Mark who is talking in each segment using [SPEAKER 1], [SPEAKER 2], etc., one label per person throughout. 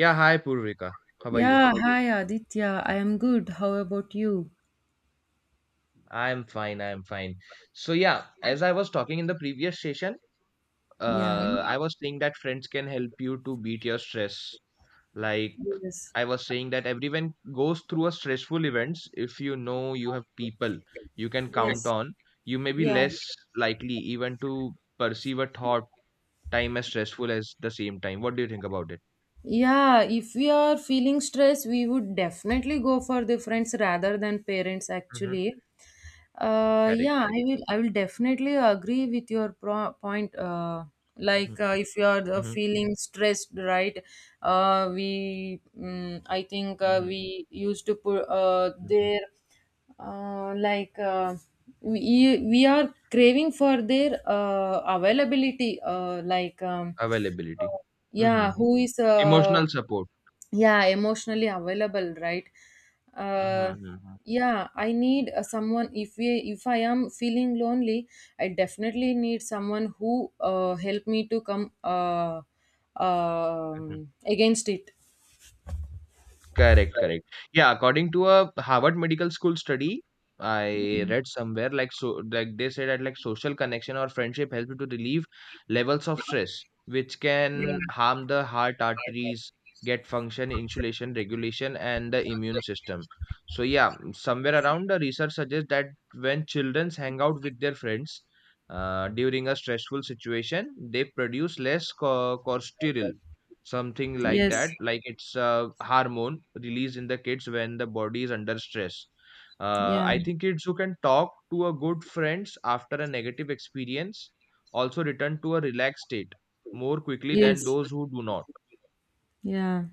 [SPEAKER 1] Yeah, hi Purvika. How are you?
[SPEAKER 2] Yeah, hi Aditya. I am good. How about you?
[SPEAKER 1] I'm fine. So yeah, as I was talking in the previous session,
[SPEAKER 2] Yeah.
[SPEAKER 1] I was saying that friends can help you to beat your stress. Like
[SPEAKER 2] Yes.
[SPEAKER 1] I was saying that everyone goes through a stressful events. If you know you have people you can count
[SPEAKER 2] Yes.
[SPEAKER 1] on, you may be
[SPEAKER 2] Yeah.
[SPEAKER 1] less likely even to perceive a thought time as stressful as the same time. What do you think about it?
[SPEAKER 2] Yeah, if we are feeling stress, we would definitely go for the friends rather than parents
[SPEAKER 1] Mm-hmm.
[SPEAKER 2] actually.
[SPEAKER 1] Correct,
[SPEAKER 2] Yeah, I
[SPEAKER 1] correct.
[SPEAKER 2] will definitely agree with your point. Like,
[SPEAKER 1] Mm-hmm.
[SPEAKER 2] if you are
[SPEAKER 1] Mm-hmm.
[SPEAKER 2] feeling stressed, right? We, I think we used to put
[SPEAKER 1] Mm-hmm.
[SPEAKER 2] their, like, we are craving for their, availability, like,
[SPEAKER 1] Availability. Mm-hmm.
[SPEAKER 2] yeah, who is
[SPEAKER 1] Emotional support.
[SPEAKER 2] yeah, emotionally available, right?
[SPEAKER 1] Mhm,
[SPEAKER 2] uh
[SPEAKER 1] mhm,
[SPEAKER 2] yeah, I need someone, if I am feeling lonely. I definitely need someone who help me to come, uh,
[SPEAKER 1] mhm.
[SPEAKER 2] against it.
[SPEAKER 1] Correct, correct. Yeah, according to a Harvard Medical School study, I read somewhere like they said that like social connection or friendship help you to relieve levels of stress, which
[SPEAKER 2] Yeah.
[SPEAKER 1] can harm the heart arteries, get function, insulation, regulation, and the immune system. So yeah, somewhere around the research suggests that when children hang out with their friends during a stressful situation, they produce cortisol, something like
[SPEAKER 2] Yes.
[SPEAKER 1] that, like it's a hormone released in the kids when the body is under stress.
[SPEAKER 2] Yeah.
[SPEAKER 1] I think kids who can talk to a good friends after a negative experience also return to a relaxed state more quickly
[SPEAKER 2] Yes.
[SPEAKER 1] than those who do not.
[SPEAKER 2] Yeah.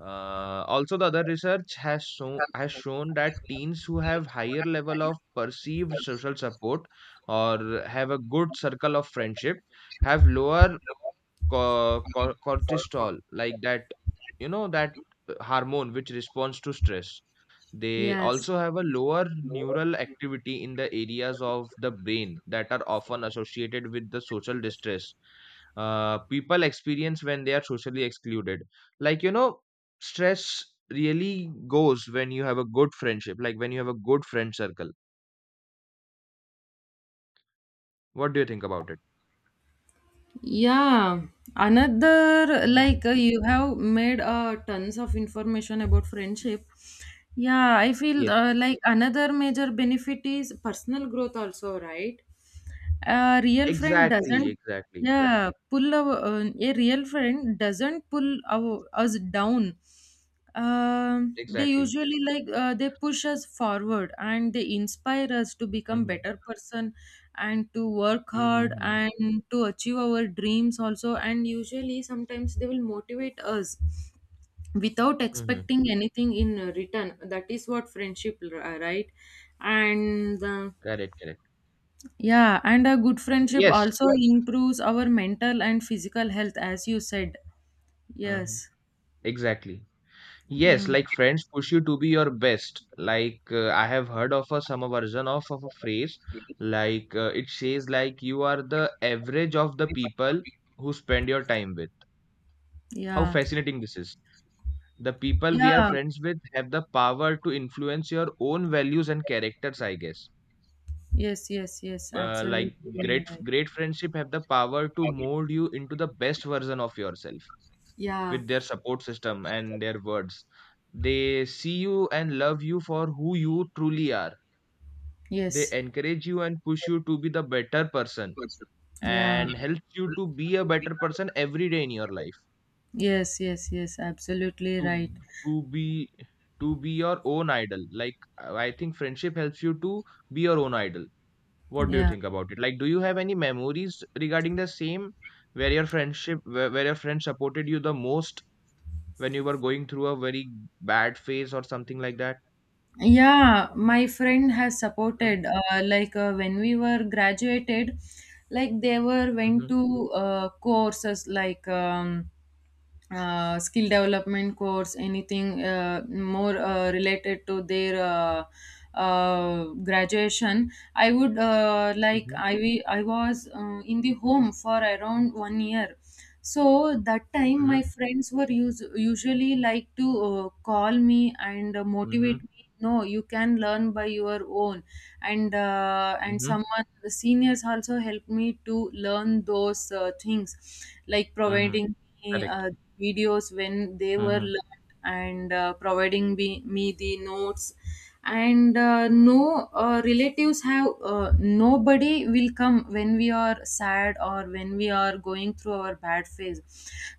[SPEAKER 1] Also, the other research has shown that teens who have higher level of perceived social support or have a good circle of friendship have lower cortisol, like that, you know, that hormone which responds to stress. They
[SPEAKER 2] Yes.
[SPEAKER 1] also have a lower neural activity in the areas of the brain that are often associated with the social distress people experience when they are socially excluded. Like, you know, stress really goes when you have a good friendship, like when you have a good friend circle. What do you think about it?
[SPEAKER 2] Yeah, another,
[SPEAKER 1] Mhm.
[SPEAKER 2] like, you have made tons of information about friendship. Yeah, I feel,
[SPEAKER 1] Yes,
[SPEAKER 2] like, another major benefit is personal growth also, right? A real friend
[SPEAKER 1] exactly,
[SPEAKER 2] doesn't,
[SPEAKER 1] exactly,
[SPEAKER 2] yeah, a real friend doesn't us down. They
[SPEAKER 1] exactly.
[SPEAKER 2] usually, like, they push us forward and they inspire us to become
[SPEAKER 1] Hmm.
[SPEAKER 2] better person, and to work hard and to achieve our dreams also. And usually sometimes they will motivate us without
[SPEAKER 1] Mhm.
[SPEAKER 2] expecting anything in return. That is what friendship, right? And
[SPEAKER 1] Correct, correct.
[SPEAKER 2] yeah, and a good friendship
[SPEAKER 1] Yes.
[SPEAKER 2] also improves our mental and physical health, as you said.
[SPEAKER 1] Mhm.
[SPEAKER 2] Yes.
[SPEAKER 1] Exactly. Yes,
[SPEAKER 2] Yeah.
[SPEAKER 1] like friends push you to be your best. I have heard of a some version of a phrase, it says like you are the average of the people who spend your time with. How
[SPEAKER 2] Yeah.
[SPEAKER 1] fascinating this is. The people we are
[SPEAKER 2] Yeah.
[SPEAKER 1] friends with have the power to influence your own values and characters, I guess.
[SPEAKER 2] Yes, yes, yes,
[SPEAKER 1] Uh,
[SPEAKER 2] absolutely
[SPEAKER 1] like great
[SPEAKER 2] right.
[SPEAKER 1] great friendship have the power to mold you into the best version of yourself
[SPEAKER 2] Yeah,
[SPEAKER 1] with their support system and their words. They see you and love you for who you truly are. They
[SPEAKER 2] yes,
[SPEAKER 1] encourage you and push you to be the better person
[SPEAKER 2] yeah,
[SPEAKER 1] and helps you to be a better person every day in your life.
[SPEAKER 2] yes, yes, yes, absolutely
[SPEAKER 1] To
[SPEAKER 2] right.
[SPEAKER 1] to be to be your own idol. Like I think friendship helps you to be your own idol. What do you
[SPEAKER 2] Yeah.
[SPEAKER 1] think about it? Like, do you have any memories regarding the same where your friend supported you the most when you were going through a very bad phase or something like that?
[SPEAKER 2] Yeah, my friend has
[SPEAKER 1] Mhm,
[SPEAKER 2] supported, like, when we were graduated, like they were went
[SPEAKER 1] mhm,
[SPEAKER 2] to courses, like, skill development course, anything more related to their, graduation. I would, like,
[SPEAKER 1] mhm,
[SPEAKER 2] I was in the home for around one year. So that time
[SPEAKER 1] mhm,
[SPEAKER 2] my friends were usually like to call me and motivate
[SPEAKER 1] mhm,
[SPEAKER 2] me. No, you can learn by your own. And
[SPEAKER 1] mhm,
[SPEAKER 2] someone, the seniors also helped me to learn those things, like
[SPEAKER 1] mhm.
[SPEAKER 2] providing me
[SPEAKER 1] Correct.
[SPEAKER 2] videos when they were
[SPEAKER 1] Mhm,
[SPEAKER 2] learned, and providing me the notes. And no, relatives have nobody will come when we are sad, or when we are going through our bad phase.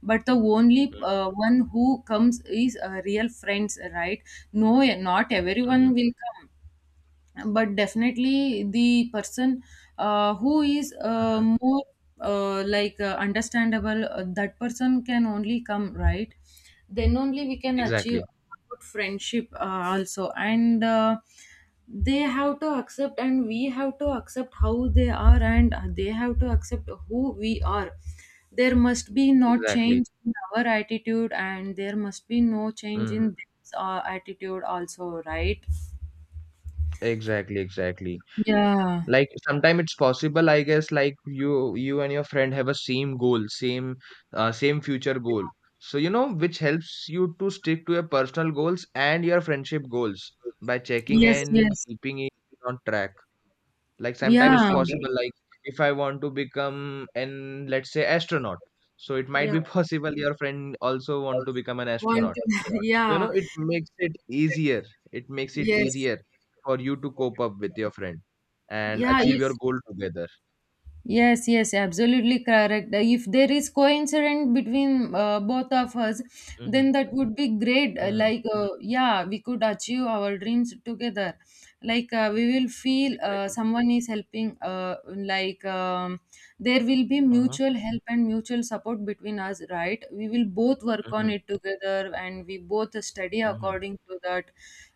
[SPEAKER 2] But the only
[SPEAKER 1] mhm,
[SPEAKER 2] one who comes is real friends, right? No, not everyone
[SPEAKER 1] mhm,
[SPEAKER 2] will come, but definitely the person, who is
[SPEAKER 1] mhm.
[SPEAKER 2] more, like, understandable, that person can only come, right? Then only we can achieve
[SPEAKER 1] Exactly.
[SPEAKER 2] good friendship, also. And they have to accept, and we have to accept how they are, and they have to accept who we are. There must be no
[SPEAKER 1] Exactly.
[SPEAKER 2] change in our attitude, and there must be no change
[SPEAKER 1] Mhm.
[SPEAKER 2] in their attitude also, right?
[SPEAKER 1] Exactly, exactly.
[SPEAKER 2] Yeah.
[SPEAKER 1] Like sometimes it's possible, I guess, like you and your friend have a same goal, same future goal. So you know, which helps you to stick to your personal goals and your friendship goals by checking
[SPEAKER 2] Yes,
[SPEAKER 1] and
[SPEAKER 2] yes.
[SPEAKER 1] keeping it on track. Like sometimes
[SPEAKER 2] Yeah.
[SPEAKER 1] it's
[SPEAKER 2] Sometimes.
[SPEAKER 1] possible, like if I want to become an, let's say, astronaut, so it might
[SPEAKER 2] Yeah.
[SPEAKER 1] be possible your friend also want to become an
[SPEAKER 2] Want
[SPEAKER 1] astronaut. So you know,
[SPEAKER 2] yeah.
[SPEAKER 1] it makes it easier, it makes it
[SPEAKER 2] Yes.
[SPEAKER 1] easier for you to cope up with your friend and
[SPEAKER 2] Yeah,
[SPEAKER 1] achieve your
[SPEAKER 2] it's
[SPEAKER 1] goal together.
[SPEAKER 2] Yes, yes, absolutely correct. If there is coincidence between both of us, then
[SPEAKER 1] Hmm.
[SPEAKER 2] that would be great.
[SPEAKER 1] Hmm.
[SPEAKER 2] Like, yeah, we could achieve our dreams together. Like, we will feel
[SPEAKER 1] Exactly.
[SPEAKER 2] someone is helping, like, there will be
[SPEAKER 1] Uh-huh.
[SPEAKER 2] mutual help and mutual support between us, right? We will both work on
[SPEAKER 1] Hmm.
[SPEAKER 2] it together, and we both study
[SPEAKER 1] Hmm.
[SPEAKER 2] according to that.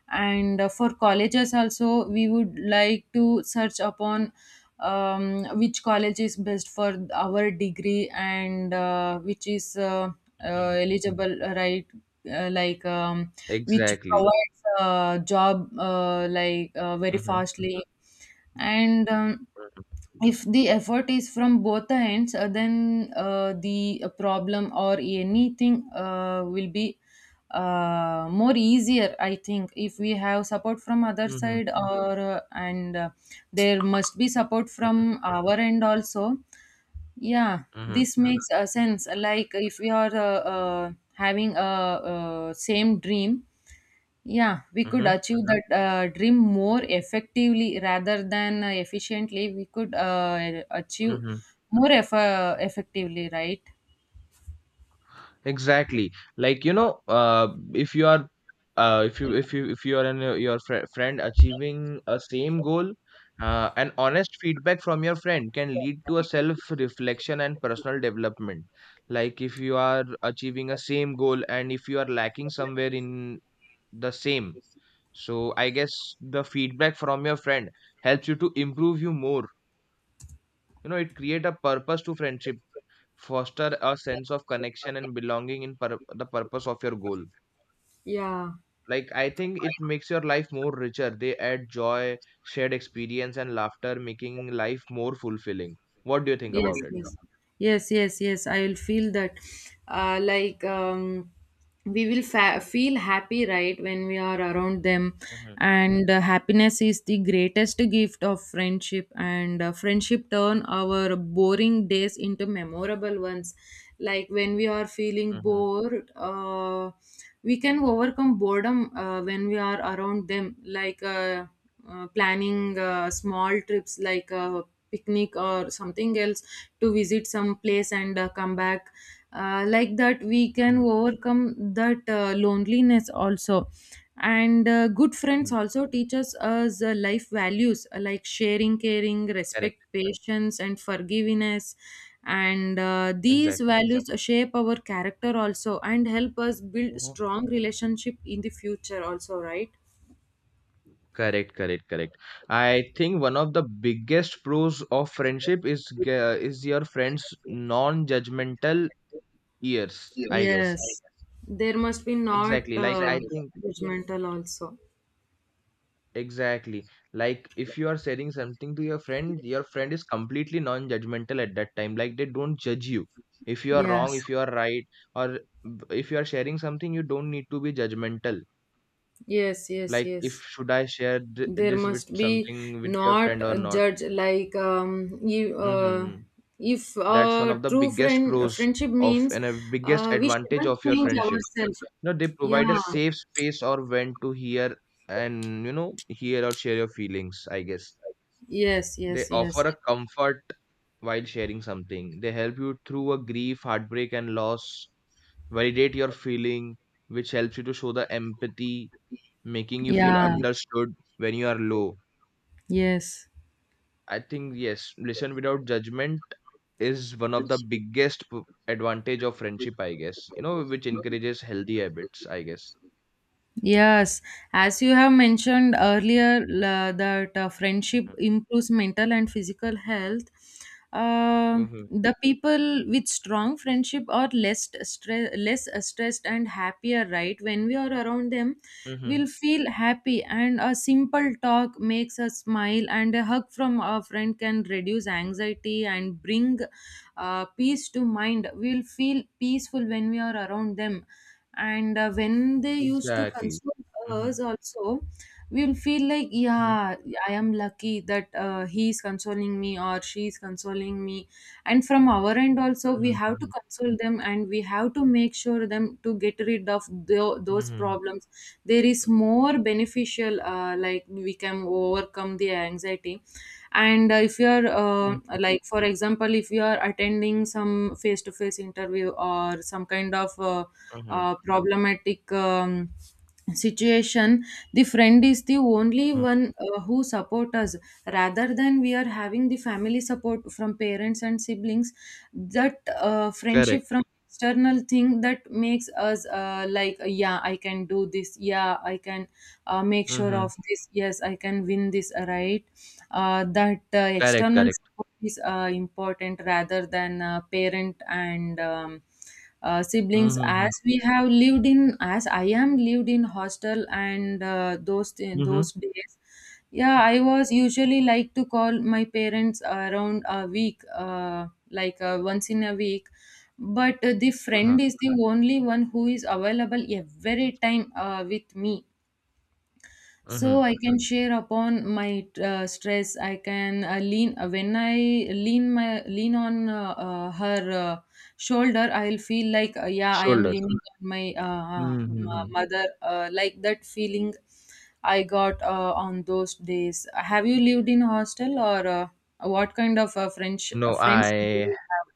[SPEAKER 2] And for colleges also, we would like to search upon, which college is best for our degree, and which is
[SPEAKER 1] Hmm.
[SPEAKER 2] eligible, right? Like, which
[SPEAKER 1] Exactly.
[SPEAKER 2] provides a job, like, very
[SPEAKER 1] Hmm.
[SPEAKER 2] fastly, and
[SPEAKER 1] Hmm.
[SPEAKER 2] if the effort is from both the ends, then the problem or anything will be more easier, I think, if we have support from other
[SPEAKER 1] Hmm.
[SPEAKER 2] side, or and there must be support from our end also. Yeah,
[SPEAKER 1] Hmm.
[SPEAKER 2] this makes sense, like, if we are having a, same dream, yeah, we could
[SPEAKER 1] Hmm.
[SPEAKER 2] achieve that dream more effectively rather than, efficiently. We could achieve
[SPEAKER 1] Hmm.
[SPEAKER 2] more effectively, right?
[SPEAKER 1] Exactly. Like, you know, if you are if you if you if you are and friend achieving a same goal, an honest feedback from your friend can lead to a self reflection and personal development. Like if you are achieving a same goal and if you are lacking somewhere in the same, so I guess the feedback from your friend helps you to improve you more. You know, it create a purpose to friendship, foster a sense of connection and belonging the purpose of your goal.
[SPEAKER 2] Yeah.
[SPEAKER 1] Like I think it makes your life more richer. They add joy, shared experience and laughter, making life more fulfilling. What do you think
[SPEAKER 2] What, yes, do
[SPEAKER 1] about
[SPEAKER 2] you
[SPEAKER 1] it?
[SPEAKER 2] think, yes, about, yes, yes, yes, I will feel that, like, we will feel happy, right, when we are around them.
[SPEAKER 1] Mm-hmm,
[SPEAKER 2] And happiness is the greatest gift of friendship, and friendship turn our boring days into memorable ones. Like, when we are feeling
[SPEAKER 1] mm-hmm,
[SPEAKER 2] bored, we can overcome boredom when we are around them, like, planning small trips, like a picnic or something else, to visit some place and come back, like that we can
[SPEAKER 1] mm-hmm,
[SPEAKER 2] overcome that loneliness also. And good friends
[SPEAKER 1] mm-hmm.
[SPEAKER 2] also teaches us life values, like sharing, caring,
[SPEAKER 1] Correct.
[SPEAKER 2] respect, patience, and forgiveness. And these
[SPEAKER 1] Exactly.
[SPEAKER 2] values shape our character also, and help us build
[SPEAKER 1] Hmm.
[SPEAKER 2] strong relationship in the future also, right?
[SPEAKER 1] Correct, correct, correct. I think one of the biggest pros of friendship is your friends' non judgmental ears, I guess.
[SPEAKER 2] Yes, there must be not
[SPEAKER 1] Exactly, like I think.
[SPEAKER 2] judgmental also.
[SPEAKER 1] Exactly. Like if you are sharing something to your friend is completely non-judgmental at that time. Like they don't judge you. If you are
[SPEAKER 2] Yes.
[SPEAKER 1] wrong, if you are right, or if you are sharing something, you don't need to be judgmental.
[SPEAKER 2] Yes, yes,
[SPEAKER 1] Like if
[SPEAKER 2] yes.
[SPEAKER 1] should I share
[SPEAKER 2] There
[SPEAKER 1] this with
[SPEAKER 2] must be
[SPEAKER 1] something with your
[SPEAKER 2] not
[SPEAKER 1] friend or not?
[SPEAKER 2] judge, like, you,
[SPEAKER 1] Hmm.
[SPEAKER 2] if
[SPEAKER 1] That's one
[SPEAKER 2] a
[SPEAKER 1] of the
[SPEAKER 2] true
[SPEAKER 1] biggest
[SPEAKER 2] friend
[SPEAKER 1] pros
[SPEAKER 2] friendship
[SPEAKER 1] of
[SPEAKER 2] means,
[SPEAKER 1] and a biggest
[SPEAKER 2] we should
[SPEAKER 1] advantage
[SPEAKER 2] not
[SPEAKER 1] of your
[SPEAKER 2] change
[SPEAKER 1] friendship.
[SPEAKER 2] ourselves.
[SPEAKER 1] You know, they
[SPEAKER 2] Yeah.
[SPEAKER 1] provide a safe space or when to hear and you know hear or share your feelings, I guess.
[SPEAKER 2] Yes,
[SPEAKER 1] They
[SPEAKER 2] yes,
[SPEAKER 1] offer
[SPEAKER 2] yes.
[SPEAKER 1] a comfort while sharing something. They help you through a grief, heartbreak, and loss, validate your feeling, which helps you to show the empathy, making you feel
[SPEAKER 2] Yeah.
[SPEAKER 1] understood when you are low.
[SPEAKER 2] Yes.
[SPEAKER 1] I think, yes, listen without judgment is one of the advantage of friendship, I guess, you know, which encourages healthy habits, I guess.
[SPEAKER 2] Yes, as you have mentioned earlier, la that friendship
[SPEAKER 1] Mhm.
[SPEAKER 2] improves mental and physical health. Uh,
[SPEAKER 1] Mm-hmm.
[SPEAKER 2] the people with strong friendship are less stressed and happier, right? When we are around them,
[SPEAKER 1] Mm-hmm.
[SPEAKER 2] we'll feel happy, and a simple talk makes us smile, and a hug from a friend can reduce anxiety and bring peace to mind. We'll feel peaceful when we are around them. And when they used to
[SPEAKER 1] Exactly.
[SPEAKER 2] console
[SPEAKER 1] Mm-hmm.
[SPEAKER 2] us also, we'll feel like,
[SPEAKER 1] Mm-hmm.
[SPEAKER 2] yeah, I am lucky that he is consoling me, or she is consoling me. And from our end also, we have to
[SPEAKER 1] Mm-hmm.
[SPEAKER 2] console them, and we have to make sure them to get rid of those
[SPEAKER 1] Mm-hmm.
[SPEAKER 2] problems. There is more beneficial, like we can overcome the anxiety, and if you are,
[SPEAKER 1] Mm-hmm. Mm-hmm.
[SPEAKER 2] like, for example, if you are attending some face to face interview, or some kind of
[SPEAKER 1] Mm-hmm.
[SPEAKER 2] problematic, situation, the friend is the only
[SPEAKER 1] Mm-hmm.
[SPEAKER 2] one who support us, rather than we are having the family support from parents and siblings. That friendship
[SPEAKER 1] Correct.
[SPEAKER 2] from external thing that makes us like, yeah, I can do this, yeah, I can make sure
[SPEAKER 1] Mm-hmm.
[SPEAKER 2] of this, yes, I can win this, right? That
[SPEAKER 1] Correct,
[SPEAKER 2] external
[SPEAKER 1] correct.
[SPEAKER 2] support is important, rather than parent and, siblings,
[SPEAKER 1] Mhm,
[SPEAKER 2] as
[SPEAKER 1] mhm.
[SPEAKER 2] we have lived in as I am lived in hostel, and those
[SPEAKER 1] Mhm.
[SPEAKER 2] those days. Yeah, I was usually like to call my parents around a week, like, once in a week. But the
[SPEAKER 1] Uh-huh.
[SPEAKER 2] friend is the only one who is available every time with me. So
[SPEAKER 1] Mhm.
[SPEAKER 2] I can share upon my stress. I can lean, when I lean my lean on her shoulder. I'll feel like, yeah, I am
[SPEAKER 1] Shoulder.
[SPEAKER 2] leaning on my
[SPEAKER 1] Mhm, mhm.
[SPEAKER 2] mother, like that feeling I got on those days. Have you lived in hostel, or what kind of french
[SPEAKER 1] No,
[SPEAKER 2] friends do
[SPEAKER 1] I
[SPEAKER 2] you have?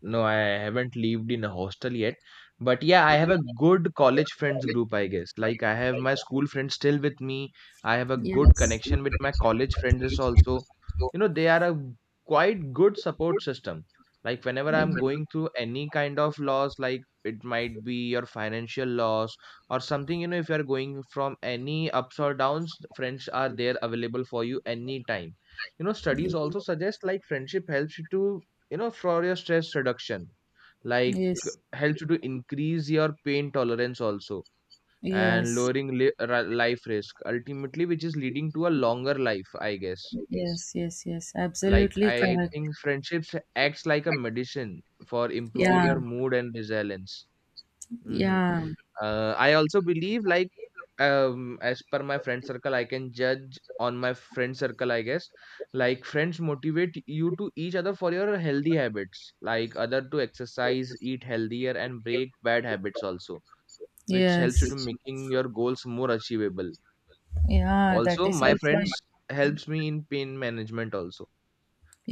[SPEAKER 1] No, I haven't lived in a hostel yet. But yeah, I have a good college friends group, I guess. Like I have my school friends still with me. I have a good
[SPEAKER 2] Yes.
[SPEAKER 1] connection with my college friends also. You know, they are a quite good support system. Like whenever I'm going through any kind of loss, like it might be your financial loss or something, you know, if you're going from any ups or downs, friends are there available for you anytime. You know, studies also suggest like friendship helps you to, you know, for your stress reduction, like
[SPEAKER 2] Yes.
[SPEAKER 1] helps you to increase your pain tolerance also and
[SPEAKER 2] Yes.
[SPEAKER 1] lowering life risk ultimately, which is leading to a longer life, I guess.
[SPEAKER 2] Yes, yes, yes.
[SPEAKER 1] Like
[SPEAKER 2] Absolutely
[SPEAKER 1] I
[SPEAKER 2] correct.
[SPEAKER 1] think friendships acts like a medicine for improving
[SPEAKER 2] Yeah.
[SPEAKER 1] your mood and resilience. Mhm.
[SPEAKER 2] Yeah,
[SPEAKER 1] I also believe like, um, as per my friend circle I can judge on my friend circle, I guess, like friends motivate you to each other for your healthy habits, like other to exercise, eat healthier and break bad habits also, which helps
[SPEAKER 2] yes.
[SPEAKER 1] you to making your goals more achievable.
[SPEAKER 2] Yeah, that
[SPEAKER 1] Also,
[SPEAKER 2] is
[SPEAKER 1] my
[SPEAKER 2] also.
[SPEAKER 1] friends helps me in pain management also,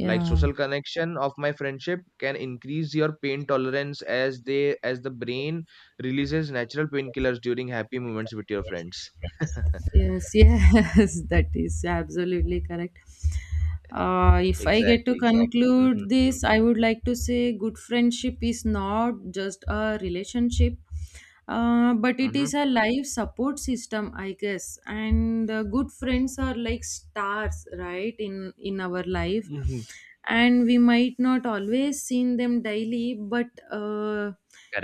[SPEAKER 1] like social connection of my friendship can increase your pain tolerance as they, as the brain releases natural painkillers during happy moments with your friends.
[SPEAKER 2] Yes, yes, that is absolutely correct. If I get to
[SPEAKER 1] Exactly. Mm-hmm.
[SPEAKER 2] conclude this, I would like to say good friendship is not just a relationship, but it
[SPEAKER 1] Mm-hmm.
[SPEAKER 2] is a life support system, I guess. And good friends are like stars, right, in our life.
[SPEAKER 1] Mm-hmm.
[SPEAKER 2] And we might not always seen them daily, but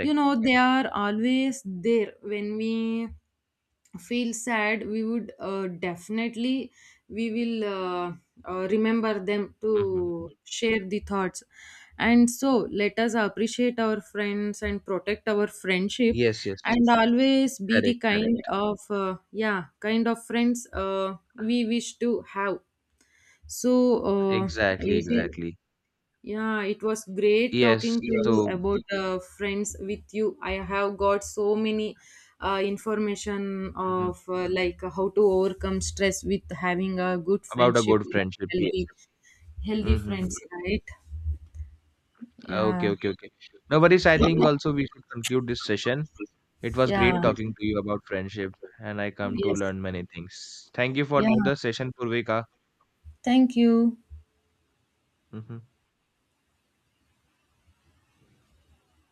[SPEAKER 2] you know they are always there when we feel sad. We would definitely, we will remember them
[SPEAKER 1] Mm-hmm.
[SPEAKER 2] to share the thoughts. And so let us appreciate our friends and protect our friendship,
[SPEAKER 1] Yes, yes.
[SPEAKER 2] and always be the
[SPEAKER 1] Correct,
[SPEAKER 2] kind
[SPEAKER 1] correct.
[SPEAKER 2] of, yeah, kind of friends we wish to have. So uh,
[SPEAKER 1] Exactly,
[SPEAKER 2] it is
[SPEAKER 1] exactly.
[SPEAKER 2] yeah, it was great
[SPEAKER 1] Yes.
[SPEAKER 2] talking to you. Yes.
[SPEAKER 1] So,
[SPEAKER 2] About friends with you. I have got so many information
[SPEAKER 1] mhm.
[SPEAKER 2] of, like how to overcome stress with having a good
[SPEAKER 1] About a
[SPEAKER 2] friendship.
[SPEAKER 1] good friendship, yeah.
[SPEAKER 2] Healthy, healthy
[SPEAKER 1] Mm-hmm.
[SPEAKER 2] friends, right?
[SPEAKER 1] Okay,
[SPEAKER 2] Yeah.
[SPEAKER 1] okay, okay. No worries, I think also we should conclude this session. It was
[SPEAKER 2] Yeah.
[SPEAKER 1] great talking to you about friendship, and I come
[SPEAKER 2] Yes.
[SPEAKER 1] to
[SPEAKER 2] Yes,
[SPEAKER 1] learn many things. Thank you for
[SPEAKER 2] yeah.
[SPEAKER 1] the session, Purvika.
[SPEAKER 2] Thank you.
[SPEAKER 1] Hmm.